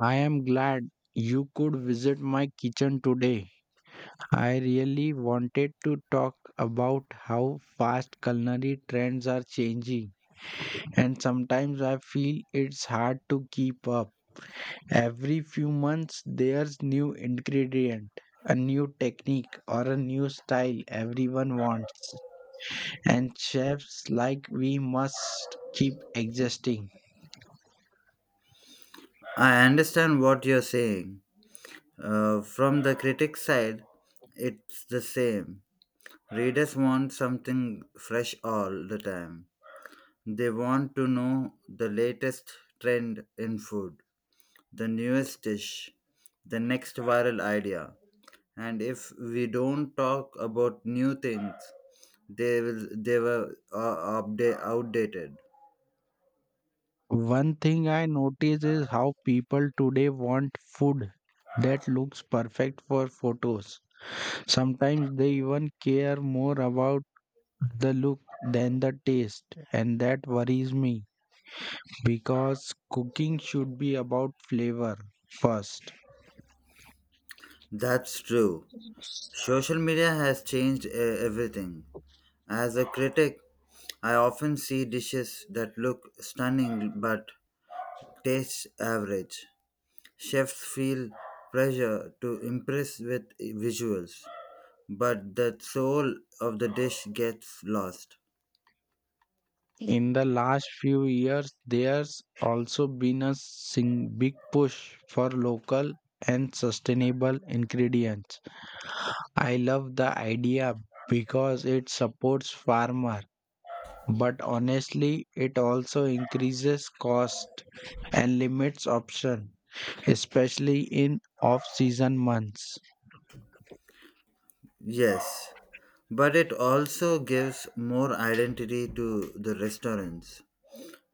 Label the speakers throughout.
Speaker 1: I am glad you could visit my kitchen today. I really wanted to talk about how fast culinary trends are changing, and sometimes I feel it's hard to keep up. Every few months, there's new ingredient, a new technique, or a new style everyone wants, and chefs like we must keep existing.
Speaker 2: I understand what you're saying. From the critic side, it's the same. Readers want something fresh all the time. They want to know the latest trend in food, the newest dish, the next viral idea. And if we don't talk about new things, they were outdated.
Speaker 1: One thing I notice is how people today want food that looks perfect for photos. Sometimes they even care more about the look than the taste, and that worries me because cooking should be about flavor first.
Speaker 2: That's true. Social media has changed everything. As a critic, I often see dishes that look stunning but taste average. Chefs feel pressure to impress with visuals, but the soul of the dish gets lost.
Speaker 1: In the last few years, there's also been a big push for local and sustainable ingredients. I love the idea because it supports farmer, but honestly, it also increases cost and limits option, especially in off-season months.
Speaker 2: Yes, but it also gives more identity to the restaurants.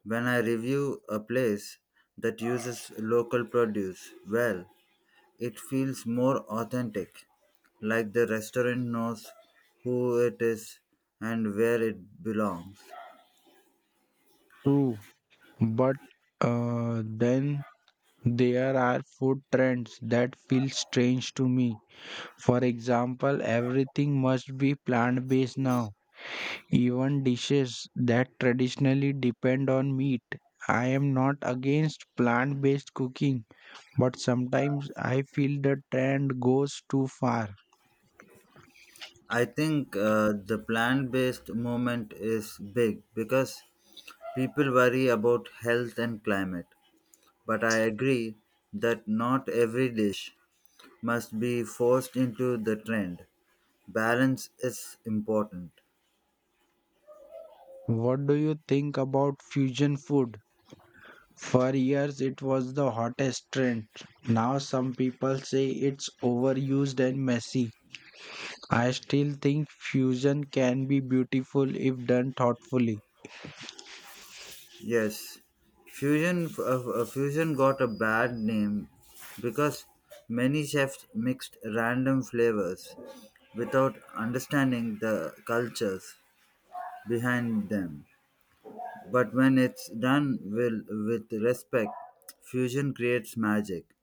Speaker 2: When I review a place that uses local produce well, it feels more authentic, like the restaurant knows who it is and where it belongs.
Speaker 1: True, but then there are food trends that feel strange to me. For example, everything must be plant-based now. Even dishes that traditionally depend on meat. I am not against plant based cooking, but sometimes I feel the trend goes too far.
Speaker 2: I think the plant based movement is big because people worry about health and climate. But I agree that not every dish must be forced into the trend. Balance is important.
Speaker 1: What do you think about fusion food? For years, it was the hottest trend. Now, some people say it's overused and messy. I still think fusion can be beautiful if done thoughtfully.
Speaker 2: Yes, fusion f- uh, fusion got a bad name because many chefs mixed random flavors without understanding the cultures behind them. But when it's done will with respect, fusion creates magic.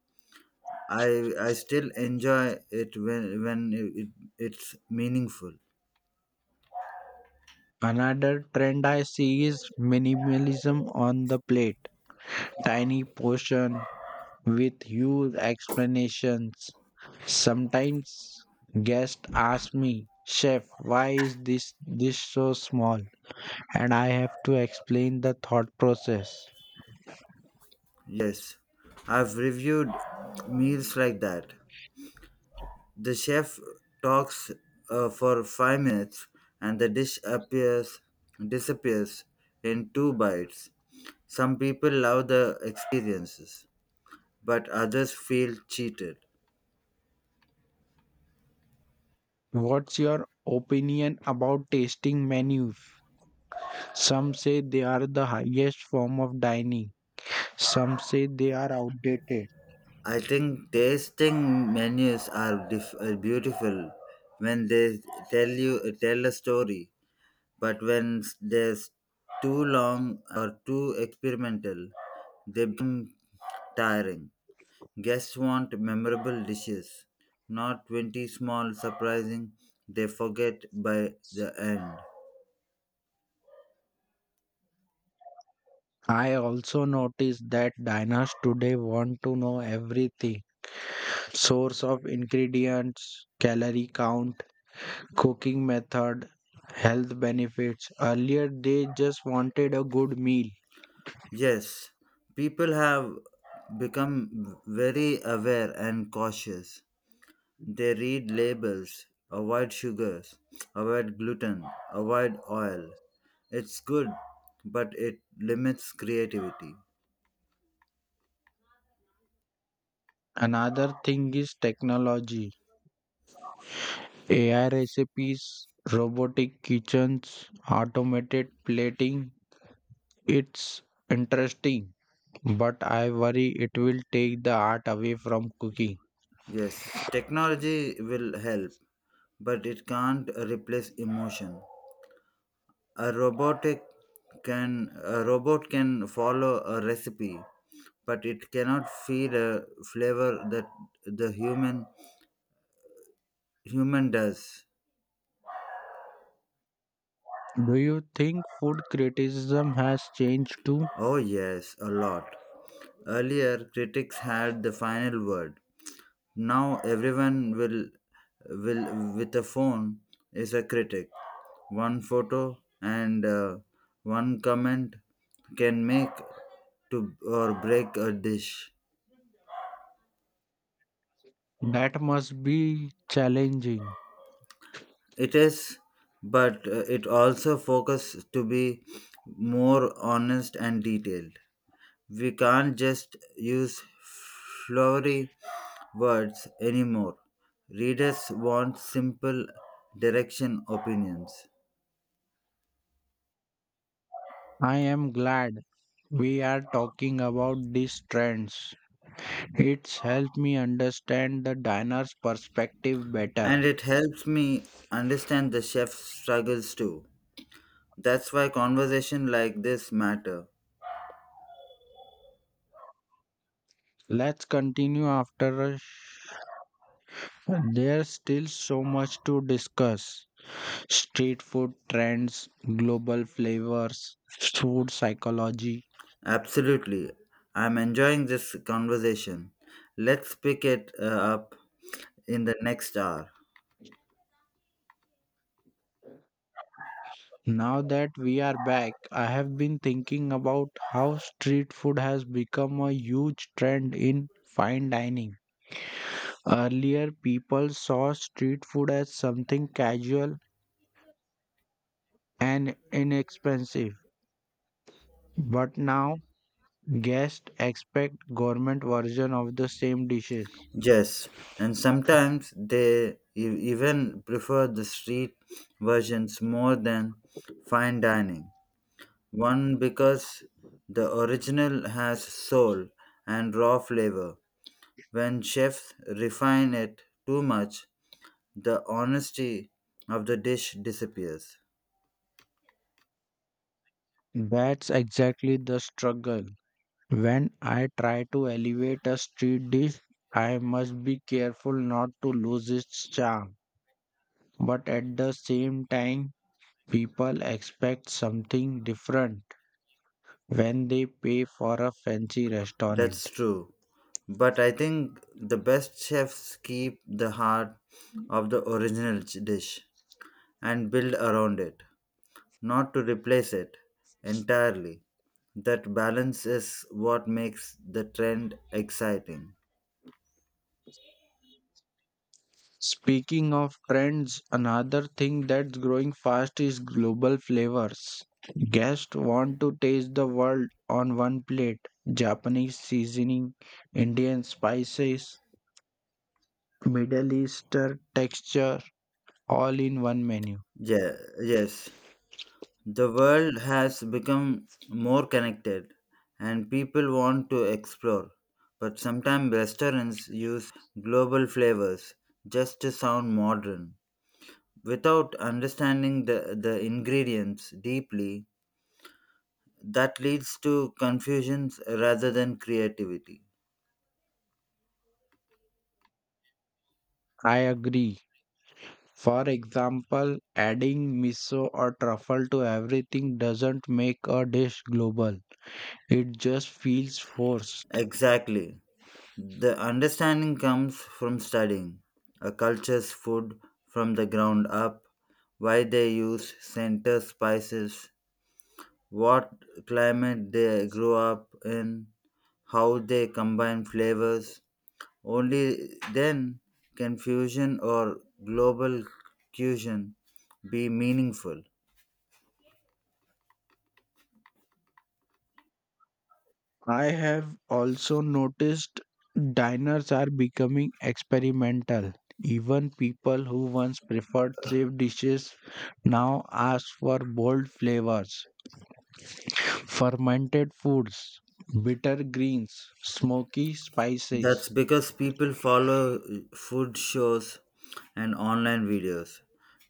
Speaker 2: I still enjoy it when it's meaningful.
Speaker 1: Another trend I see is minimalism on the plate. Tiny portion with huge explanations. Sometimes guests ask me, "Chef, why is this dish so small?" And I have to explain the thought process.
Speaker 2: Yes, I've reviewed meals like that. The chef talks for 5 minutes and the dish appears disappears in two bites. Some people love the experiences, but others feel cheated.
Speaker 1: What's your opinion about tasting menus? Some say they are the highest form of dining. Some say they are outdated.
Speaker 2: I think tasting menus are beautiful when they tell a story, but when there's too long or too experimental, they become tiring. Guests want memorable dishes, not 20 small surprising they forget by the end.
Speaker 1: I also notice that diners today want to know everything: source of ingredients, calorie count, cooking method, health benefits. Earlier, they just wanted a good meal.
Speaker 2: Yes, people have become very aware and cautious. They read labels, avoid sugars, avoid gluten, avoid oil. It's good, but it limits creativity.
Speaker 1: Another thing is technology. AI recipes, robotic kitchens, automated plating. It's interesting, but I worry it will take the art away from cooking.
Speaker 2: Yes, technology will help, but it can't replace emotion. a robotic a robot can follow a recipe but it cannot feed a flavor that the human does.
Speaker 1: Do you think food criticism has changed too?
Speaker 2: Oh, yes, a lot. Earlier critics had the final word. Now everyone will with a phone is a critic. One photo and one comment can make to or break a dish.
Speaker 1: That must be challenging.
Speaker 2: It is, but it also focuses to be more honest and detailed. We can't just use flowery words anymore. Readers want simple direction opinions.
Speaker 1: I am glad we are talking about these trends. It's helped me understand the diner's perspective
Speaker 2: And
Speaker 1: better.
Speaker 2: it helps me understand the chef's struggles too. That's why conversation like this matter.
Speaker 1: Let's continue after a there's still so much to discuss. Street food trends, global flavors, food psychology.
Speaker 2: Absolutely. I'm enjoying this conversation. Let's pick it up in the next hour.
Speaker 1: Now that we are back, I have been thinking about how street food has become a huge trend in fine dining. Earlier, people saw street food as something casual and inexpensive, but now guests expect government version of the same dishes.
Speaker 2: Yes, and sometimes even prefer the street versions more than fine dining. One because the original has soul and raw flavor. When chefs refine it too much, the honesty of the dish disappears.
Speaker 1: That's exactly the struggle. When I try to elevate a street dish, I must be careful not to lose its charm. But at the same time, people expect something different when they pay for a fancy restaurant.
Speaker 2: That's true. But I think the best chefs keep the heart of the original dish and build around it, not to replace it entirely. That balance is what makes the trend exciting.
Speaker 1: Speaking of trends, another thing that's growing fast is global flavors. Guests want to taste the world on one plate. Japanese seasoning, Indian spices, Middle Eastern texture, all in one menu.
Speaker 2: Yeah, yes. The world has become more connected and people want to explore. But sometimes restaurants use global flavors just to sound modern, without understanding the ingredients deeply. That leads to confusions rather than creativity.
Speaker 1: I agree. For example, adding miso or truffle to everything doesn't make a dish global. It just feels forced.
Speaker 2: Exactly. The understanding comes from studying a culture's food from the ground up: why they use center spices, what climate they grew up in, how they combine flavors. Only then can fusion or global cuisine be meaningful.
Speaker 1: I have also noticed diners are becoming experimental. Even people who once preferred safe dishes now ask for bold flavors, fermented foods, bitter greens, smoky
Speaker 2: That's
Speaker 1: spices.
Speaker 2: because people follow food shows and online videos.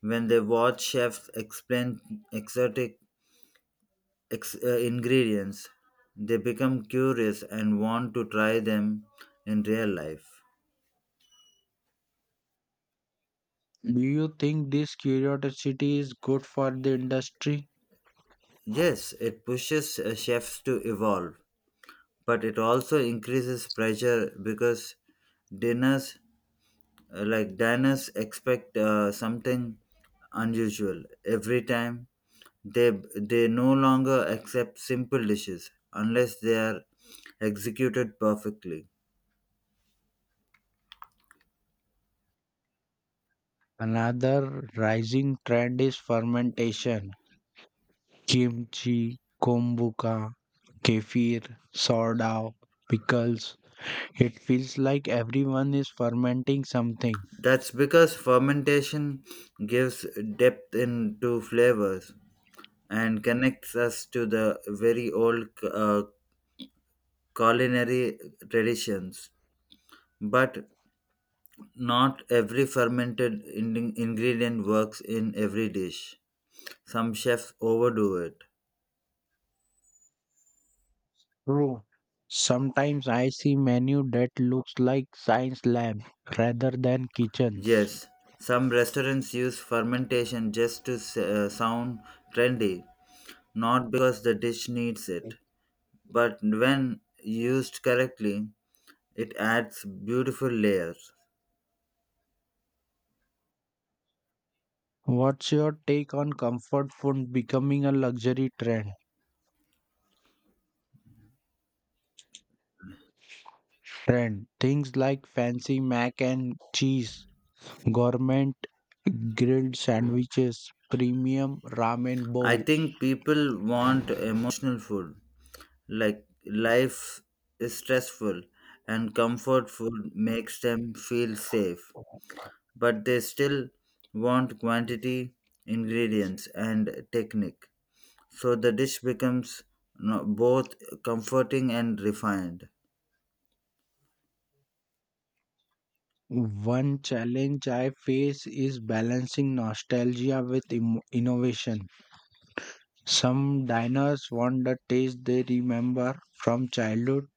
Speaker 2: When they watch chefs explain exotic ingredients, they become curious and want to try them in real life.
Speaker 1: Do you think this curiosity is good for the industry?
Speaker 2: Yes, it pushes chefs to evolve, but it also increases pressure because dinners like diners expect something unusual every time. They no longer accept simple dishes unless they are executed perfectly.
Speaker 1: Another rising trend is fermentation: kimchi, kombucha, kefir, sourdough, pickles. It feels like everyone is fermenting something.
Speaker 2: That's because fermentation gives depth into flavors and connects us to the very old culinary traditions. But not every fermented ingredient works in every dish. Some chefs overdo it.
Speaker 1: True. Sometimes I see menu that looks like science lab rather than kitchens.
Speaker 2: Yes, some restaurants use fermentation just to sound trendy, not because the dish needs it. But when used correctly, it adds beautiful layers.
Speaker 1: What's your take on comfort food becoming a luxury trend? Trend things like fancy mac and cheese, gourmet grilled sandwiches, premium ramen
Speaker 2: I
Speaker 1: bowl.
Speaker 2: think people want emotional food. Like, life is stressful and comfort food makes them feel safe, but they still want quantity, ingredients, and technique, so the dish becomes both comforting and refined.
Speaker 1: One challenge I face is balancing nostalgia with innovation. Some diners want the taste they remember from childhood,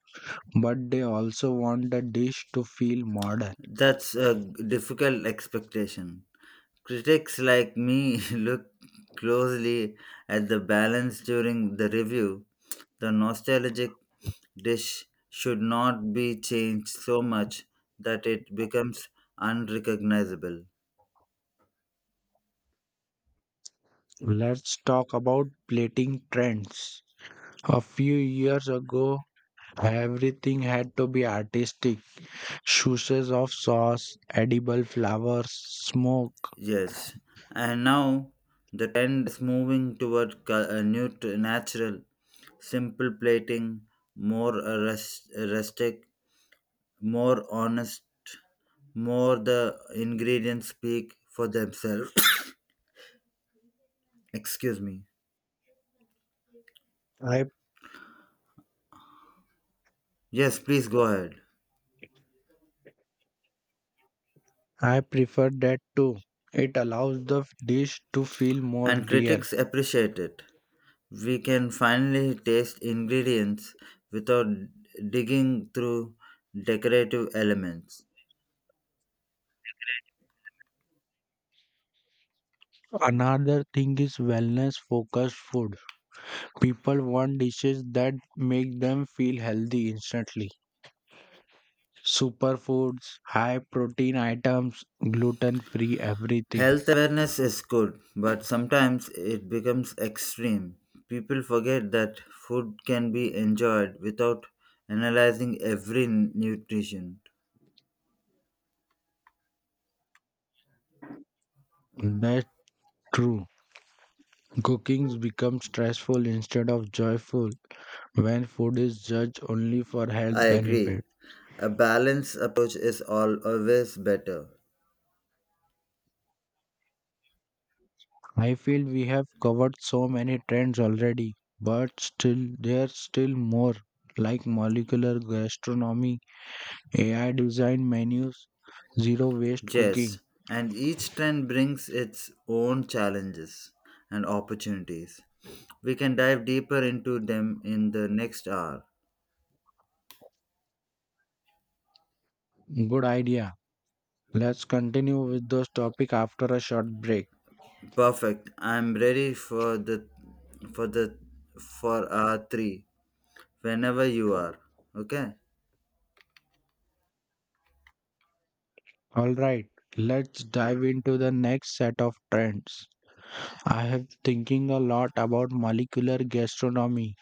Speaker 1: but they also want the dish to feel modern.
Speaker 2: That's a difficult expectation. Critics like me look closely at the balance during the review. The nostalgic dish should not be changed so much that it becomes unrecognizable.
Speaker 1: Let's talk about plating trends. A few years ago, everything had to be artistic. Shoes of sauce, edible flowers, smoke.
Speaker 2: Yes, and now the trend is moving toward a new natural, simple plating, more rustic, more honest, more the ingredients speak for themselves. Excuse me.
Speaker 1: I
Speaker 2: Yes, please go ahead.
Speaker 1: I prefer that too. It allows the dish to feel more
Speaker 2: And
Speaker 1: real.
Speaker 2: critics appreciate it. We can finally taste ingredients without digging through decorative elements.
Speaker 1: Another thing is wellness focused food. People want dishes that make them feel healthy instantly. Superfoods, high protein items, gluten free everything.
Speaker 2: Health awareness is good, but sometimes it becomes extreme. People forget that food can be enjoyed without analyzing every nutrition.
Speaker 1: That's true. Cookings becomes stressful instead of joyful when food is judged only for health
Speaker 2: I agree.
Speaker 1: benefits.
Speaker 2: A balanced approach is always better.
Speaker 1: I feel we have covered so many trends already, but still there's still more like molecular gastronomy, AI design menus, zero waste
Speaker 2: Yes,
Speaker 1: cooking.
Speaker 2: and each trend brings its own challenges and opportunities. We can dive deeper into them in the next hour.
Speaker 1: Good idea. Let's continue with those topics after a short break.
Speaker 2: Perfect. I'm ready for the for a three whenever you are. Okay?
Speaker 1: All right, let's dive into the next set of trends. I have thinking a lot about molecular gastronomy.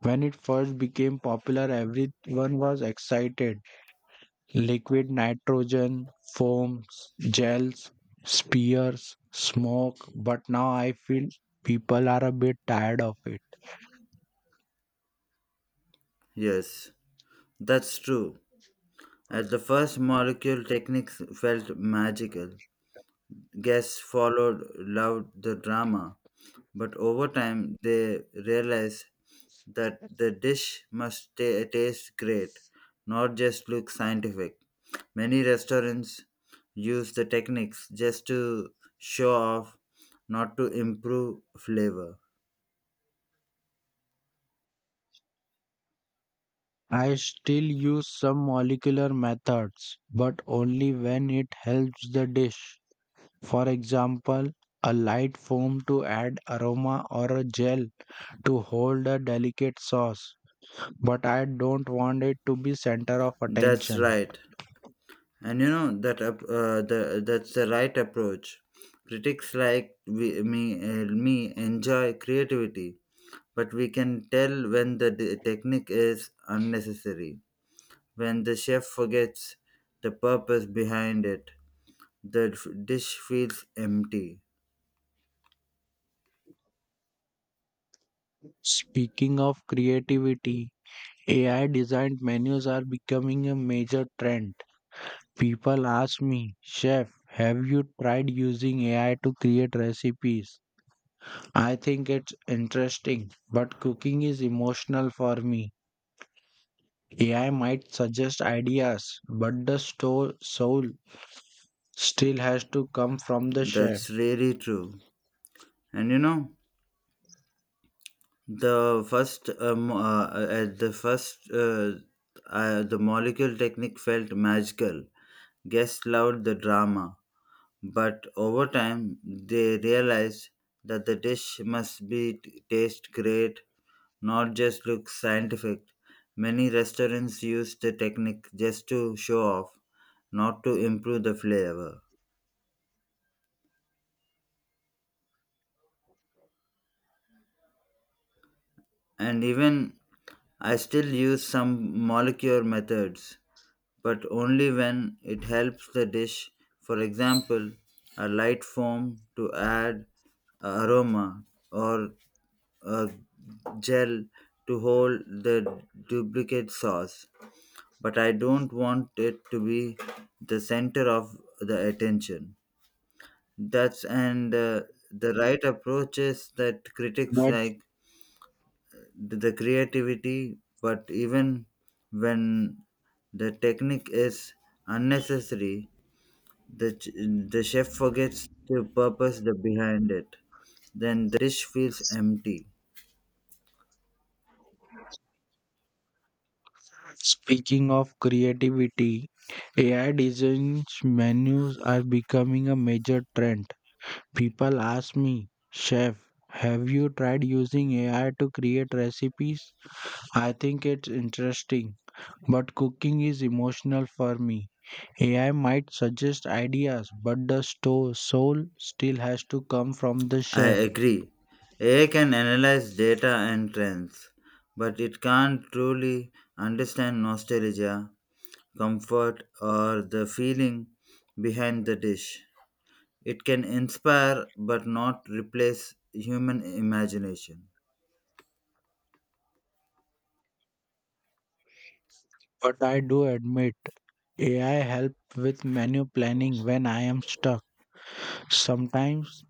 Speaker 1: When it first became popular, everyone was excited: liquid nitrogen, foams, gels, spears, smoke, but now I feel people are a bit tired of it.
Speaker 2: Yes. That's true. At the first molecule techniques felt magical. Guests followed loved the drama, but over time they realized that the dish must taste great, not just look scientific. Many restaurants use the techniques just to show off, not to improve flavor.
Speaker 1: I still use some molecular methods, but only when it helps the dish. For example, a light foam to add aroma or a gel to hold a delicate sauce, but I don't want it to be center of
Speaker 2: That's
Speaker 1: attention.
Speaker 2: right, and you know that's the right approach. Critics like me enjoy creativity, but we can tell when the technique is unnecessary, when the chef forgets the purpose behind it, the dish feels empty.
Speaker 1: Speaking of creativity, AI designed menus are becoming a major trend. People ask me, "Chef, have you tried using AI to create recipes?" I think it's interesting, but cooking is emotional for me. AI might suggest ideas, but the soul still has to come from the chef.
Speaker 2: That's really true. And you know, the first at the first the molecule technique felt magical. Guests loved the drama. But over time, they realized that the dish must be taste great, not just look scientific. Many restaurants use the technique just to show off, not to improve the flavor. And even I still use some molecular methods, but only when it helps the dish. For example, a light foam to add aroma or uh, gel to hold the duplicate sauce, but I don't want it to be the center of the attention. That's and the right approach is that critics
Speaker 1: But
Speaker 2: like the creativity, but even when the technique is unnecessary, the the chef forgets to purpose the behind it. Then the dish feels empty.
Speaker 1: speaking of creativity, AI designs menus are becoming a major trend. People ask me, "Chef, have you tried using AI to create recipes?" I think it's interesting, but cooking is emotional for me. AI might suggest ideas, but the soul still has to come from the
Speaker 2: I
Speaker 1: chef.
Speaker 2: agree. AI can analyze data and trends, but it can't truly understand nostalgia, comfort, or the feeling behind the dish. It can inspire but not replace human imagination.
Speaker 1: But I do admit, AI help with menu planning when I am stuck. Sometimes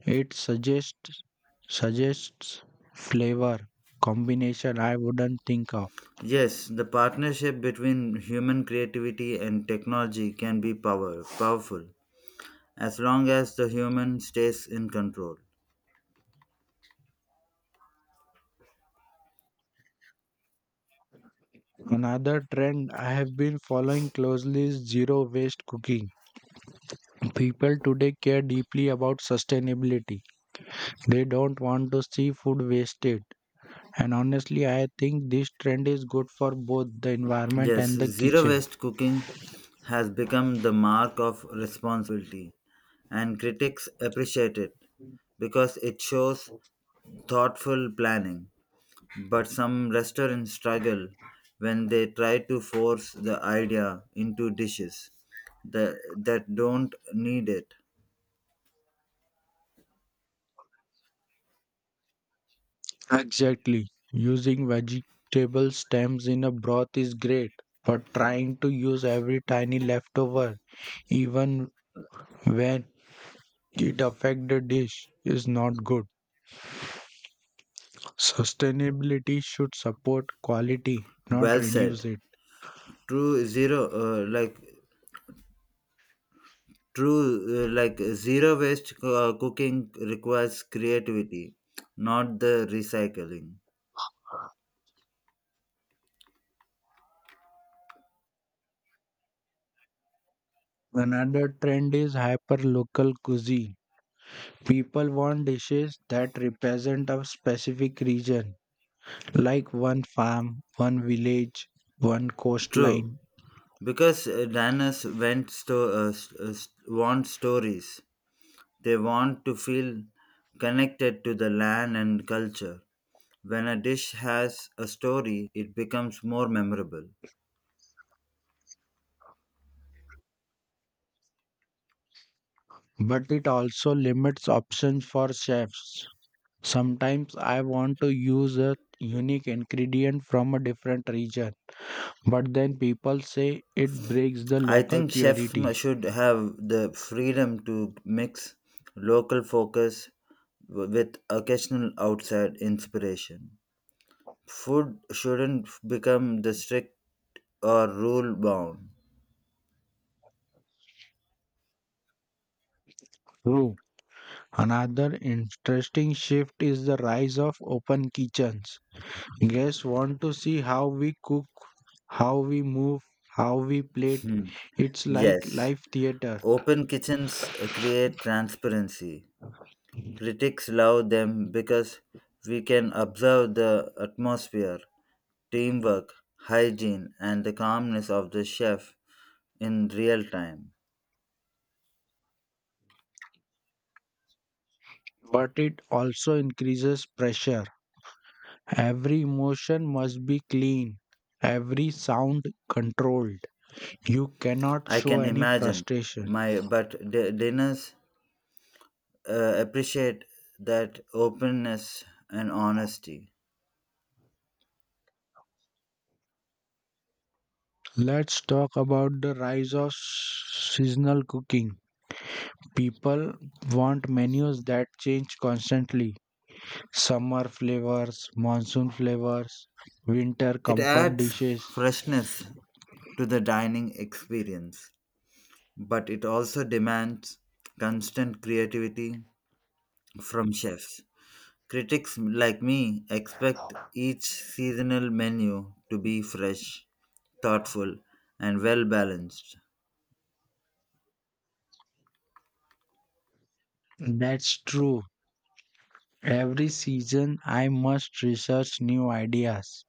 Speaker 1: it suggests flavor combination I wouldn't think of.
Speaker 2: Yes, the partnership between human creativity and technology can be powerful as long as the human stays in control.
Speaker 1: Another trend I have been following closely is zero waste cooking. People today care deeply about sustainability. They don't want to see food wasted. And honestly, I think this trend is good for both the environment
Speaker 2: Yes,
Speaker 1: and the
Speaker 2: zero
Speaker 1: kitchen.
Speaker 2: waste cooking has become the mark of responsibility, and critics appreciate it because it shows thoughtful planning. But some restaurants struggle when they try to force the idea into dishes that don't need it.
Speaker 1: Exactly. Using vegetable stems in a broth is great, but trying to use every tiny leftover, even when it affects the dish, is not good. Sustainability should support quality, not
Speaker 2: Well
Speaker 1: reduce
Speaker 2: said.
Speaker 1: it.
Speaker 2: True zero, uh, like True, zero waste cooking requires creativity, not the recycling.
Speaker 1: Another trend is hyper-local cuisine. People want dishes that represent a specific region, like one farm, one village, one
Speaker 2: True,
Speaker 1: coastline.
Speaker 2: because diners went sto- s- s- want stories. They want to feel connected to the land and culture. When a dish has a story, it becomes more memorable.
Speaker 1: But it also limits options for chefs. Sometimes I want to use a unique ingredient from a different region, but then people say it breaks the
Speaker 2: I
Speaker 1: local
Speaker 2: think chefs
Speaker 1: purity.
Speaker 2: m- should have the freedom to mix local focus with occasional outside inspiration. Food shouldn't become the strict or rule bound.
Speaker 1: True. Another interesting shift is the rise of open kitchens. Guests want to see how we cook, how we move, how we plate.
Speaker 2: Hmm.
Speaker 1: It's like
Speaker 2: Yes.
Speaker 1: live theater,
Speaker 2: Open kitchens create transparency. Critics love them because we can observe the atmosphere, teamwork, hygiene, and the calmness of the chef in real time.
Speaker 1: but it also increases pressure. Every emotion must be clean, every sound controlled. You cannot
Speaker 2: I
Speaker 1: show
Speaker 2: can
Speaker 1: any
Speaker 2: imagine
Speaker 1: frustration.
Speaker 2: my dinners appreciate that openness and honesty.
Speaker 1: Let's talk about the rise of seasonal cooking. People want menus that change constantly: summer flavors, monsoon flavors, winter
Speaker 2: It
Speaker 1: comfort
Speaker 2: adds
Speaker 1: dishes.
Speaker 2: freshness to the dining experience, but it also demands constant creativity from chefs. Critics like me expect each seasonal menu to be fresh, thoughtful, and well balanced.
Speaker 1: That's true. Every season, I must research new ideas,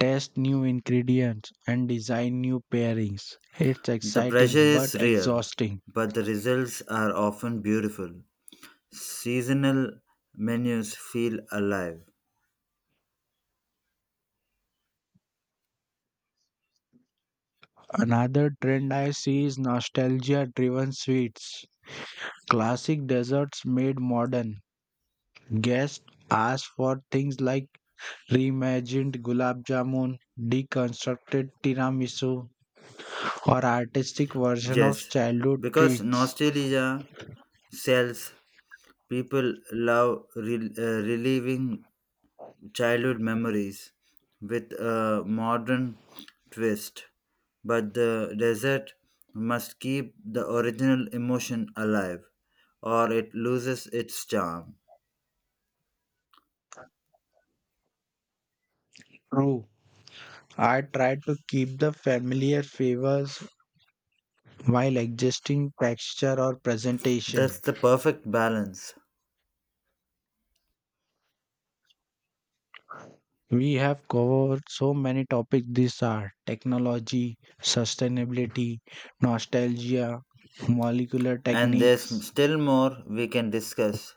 Speaker 1: test new ingredients, and design new pairings. It's
Speaker 2: The pressure
Speaker 1: exciting but
Speaker 2: is real,
Speaker 1: exhausting.
Speaker 2: but the results are often beautiful. Seasonal menus feel alive.
Speaker 1: Another trend I see is nostalgia driven sweets. Classic desserts made modern. Guests ask for things like reimagined gulab jamun, deconstructed tiramisu, or artistic version of
Speaker 2: Yes,
Speaker 1: childhood
Speaker 2: because
Speaker 1: treats.
Speaker 2: nostalgia sells, people love reliving childhood memories with a modern twist, but the desert must keep the original emotion alive or it loses its charm.
Speaker 1: True, I try to keep the familiar flavors while adjusting texture or presentation.
Speaker 2: That's the perfect balance.
Speaker 1: We have covered so many topics: these are technology, sustainability, nostalgia, molecular
Speaker 2: And there's
Speaker 1: techniques.
Speaker 2: still more we can discuss,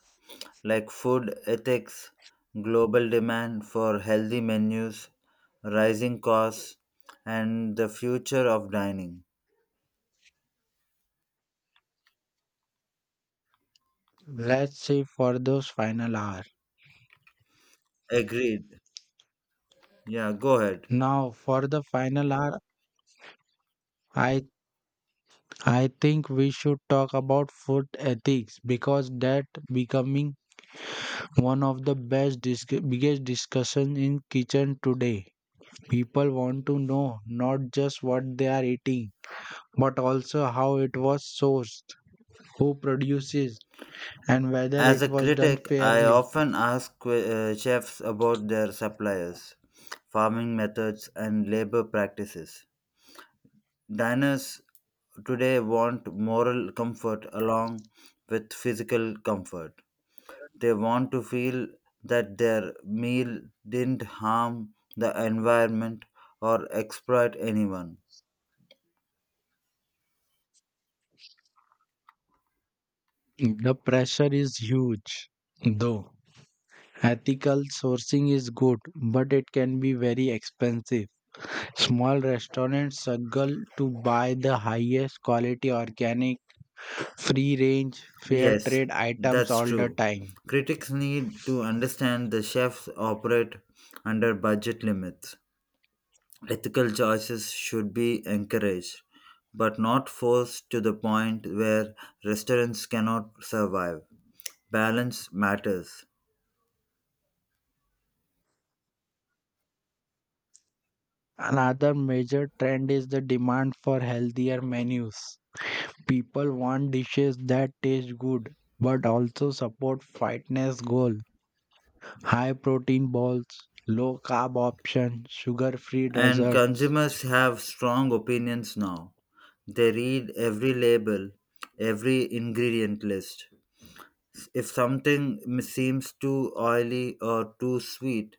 Speaker 2: like food ethics, global demand for healthy menus, rising costs, and the future of dining.
Speaker 1: Let's save for those final hour.
Speaker 2: Agreed. Yeah, go ahead.
Speaker 1: Now for the final hour I I think we should talk about food ethics because that becoming one of the best biggest discussion in kitchen today. People want to know not just what they are eating, but also how it was sourced, who produces, and whether
Speaker 2: As
Speaker 1: it
Speaker 2: a
Speaker 1: was done
Speaker 2: critic, I
Speaker 1: fairly.
Speaker 2: often ask chefs about their suppliers, farming methods, and labor practices. Diners today want moral comfort along with physical comfort. They want to feel that their meal didn't harm the environment or exploit anyone.
Speaker 1: The pressure is huge though. Ethical sourcing is good, but it can be very expensive. Small restaurants struggle to buy the highest quality organic, free range, fair
Speaker 2: Yes,
Speaker 1: trade items
Speaker 2: that's
Speaker 1: all the
Speaker 2: true.
Speaker 1: time.
Speaker 2: Critics need to understand the chefs operate under budget limits. Ethical choices should be encouraged, but not forced to the point where restaurants cannot survive. Balance matters.
Speaker 1: Another major trend is the demand for healthier menus. People want dishes that taste good but also support fitness goal. High protein bowls, low carb options, sugar-free
Speaker 2: And
Speaker 1: desserts.
Speaker 2: consumers have strong opinions now. They read every label, every ingredient list. If something seems too oily or too sweet,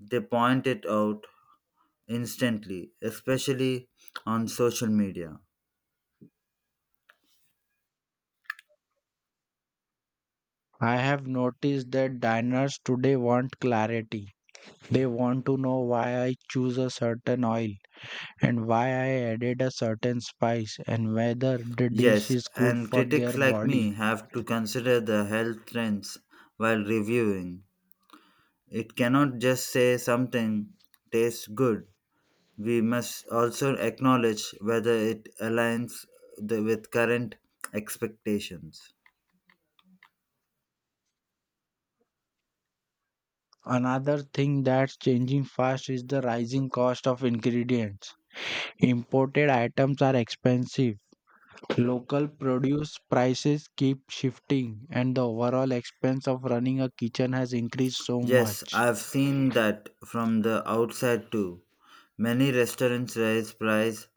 Speaker 2: they point it out instantly, especially on social media.
Speaker 1: I have noticed that diners today want clarity. They want to know why I choose a certain oil and why I added a certain spice and whether the dish
Speaker 2: Yes,
Speaker 1: is good
Speaker 2: and
Speaker 1: for
Speaker 2: critics
Speaker 1: their
Speaker 2: like
Speaker 1: body.
Speaker 2: me have to consider the health trends while reviewing. It cannot just say something tastes good. We must also acknowledge whether it aligns with current expectations.
Speaker 1: Another thing that's changing fast is the rising cost of ingredients. Imported items are expensive, local produce prices keep shifting, and the overall expense of running a kitchen has increased so
Speaker 2: Yes,
Speaker 1: much.
Speaker 2: I've seen that from the outside too. Many restaurants raise price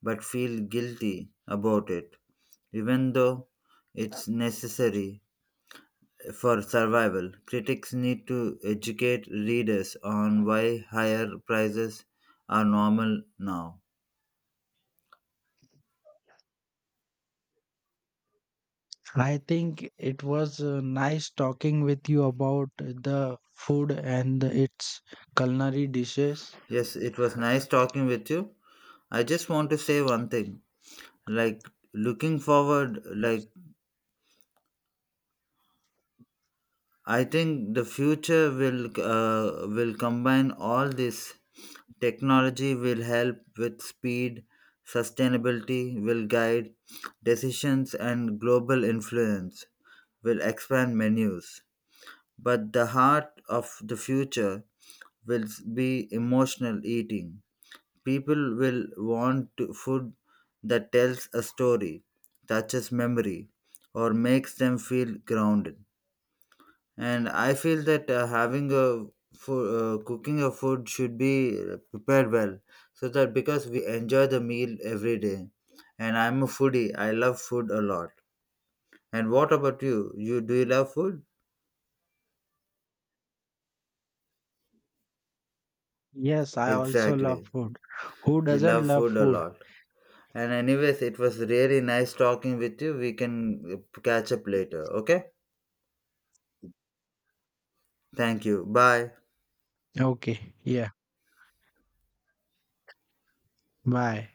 Speaker 2: but feel guilty about it, even though it's necessary for survival. Critics need to educate readers on why higher prices are normal now.
Speaker 1: I think it was nice talking with you about the food and its culinary dishes.
Speaker 2: Yes, it was nice talking with you. I just want to say one thing. Like, looking forward, like, I think the future will combine all this. Technology will help with speed, sustainability will guide decisions, and global influence will expand menus. But the heart of the future will be emotional eating. People will want food that tells a story, touches memory, or makes them feel grounded. And I feel that having a cooking a food should be prepared well, so that because we enjoy the meal every day. And I'm a foodie. I love food a lot. And what about you? Do you love food?
Speaker 1: Yes, I also love
Speaker 2: Exactly.
Speaker 1: food. Who
Speaker 2: We
Speaker 1: doesn't
Speaker 2: love
Speaker 1: love
Speaker 2: food a
Speaker 1: food?
Speaker 2: lot. And anyways, it was really nice talking with you. We can catch up later. Okay? Thank you. Bye.
Speaker 1: Okay, yeah, bye.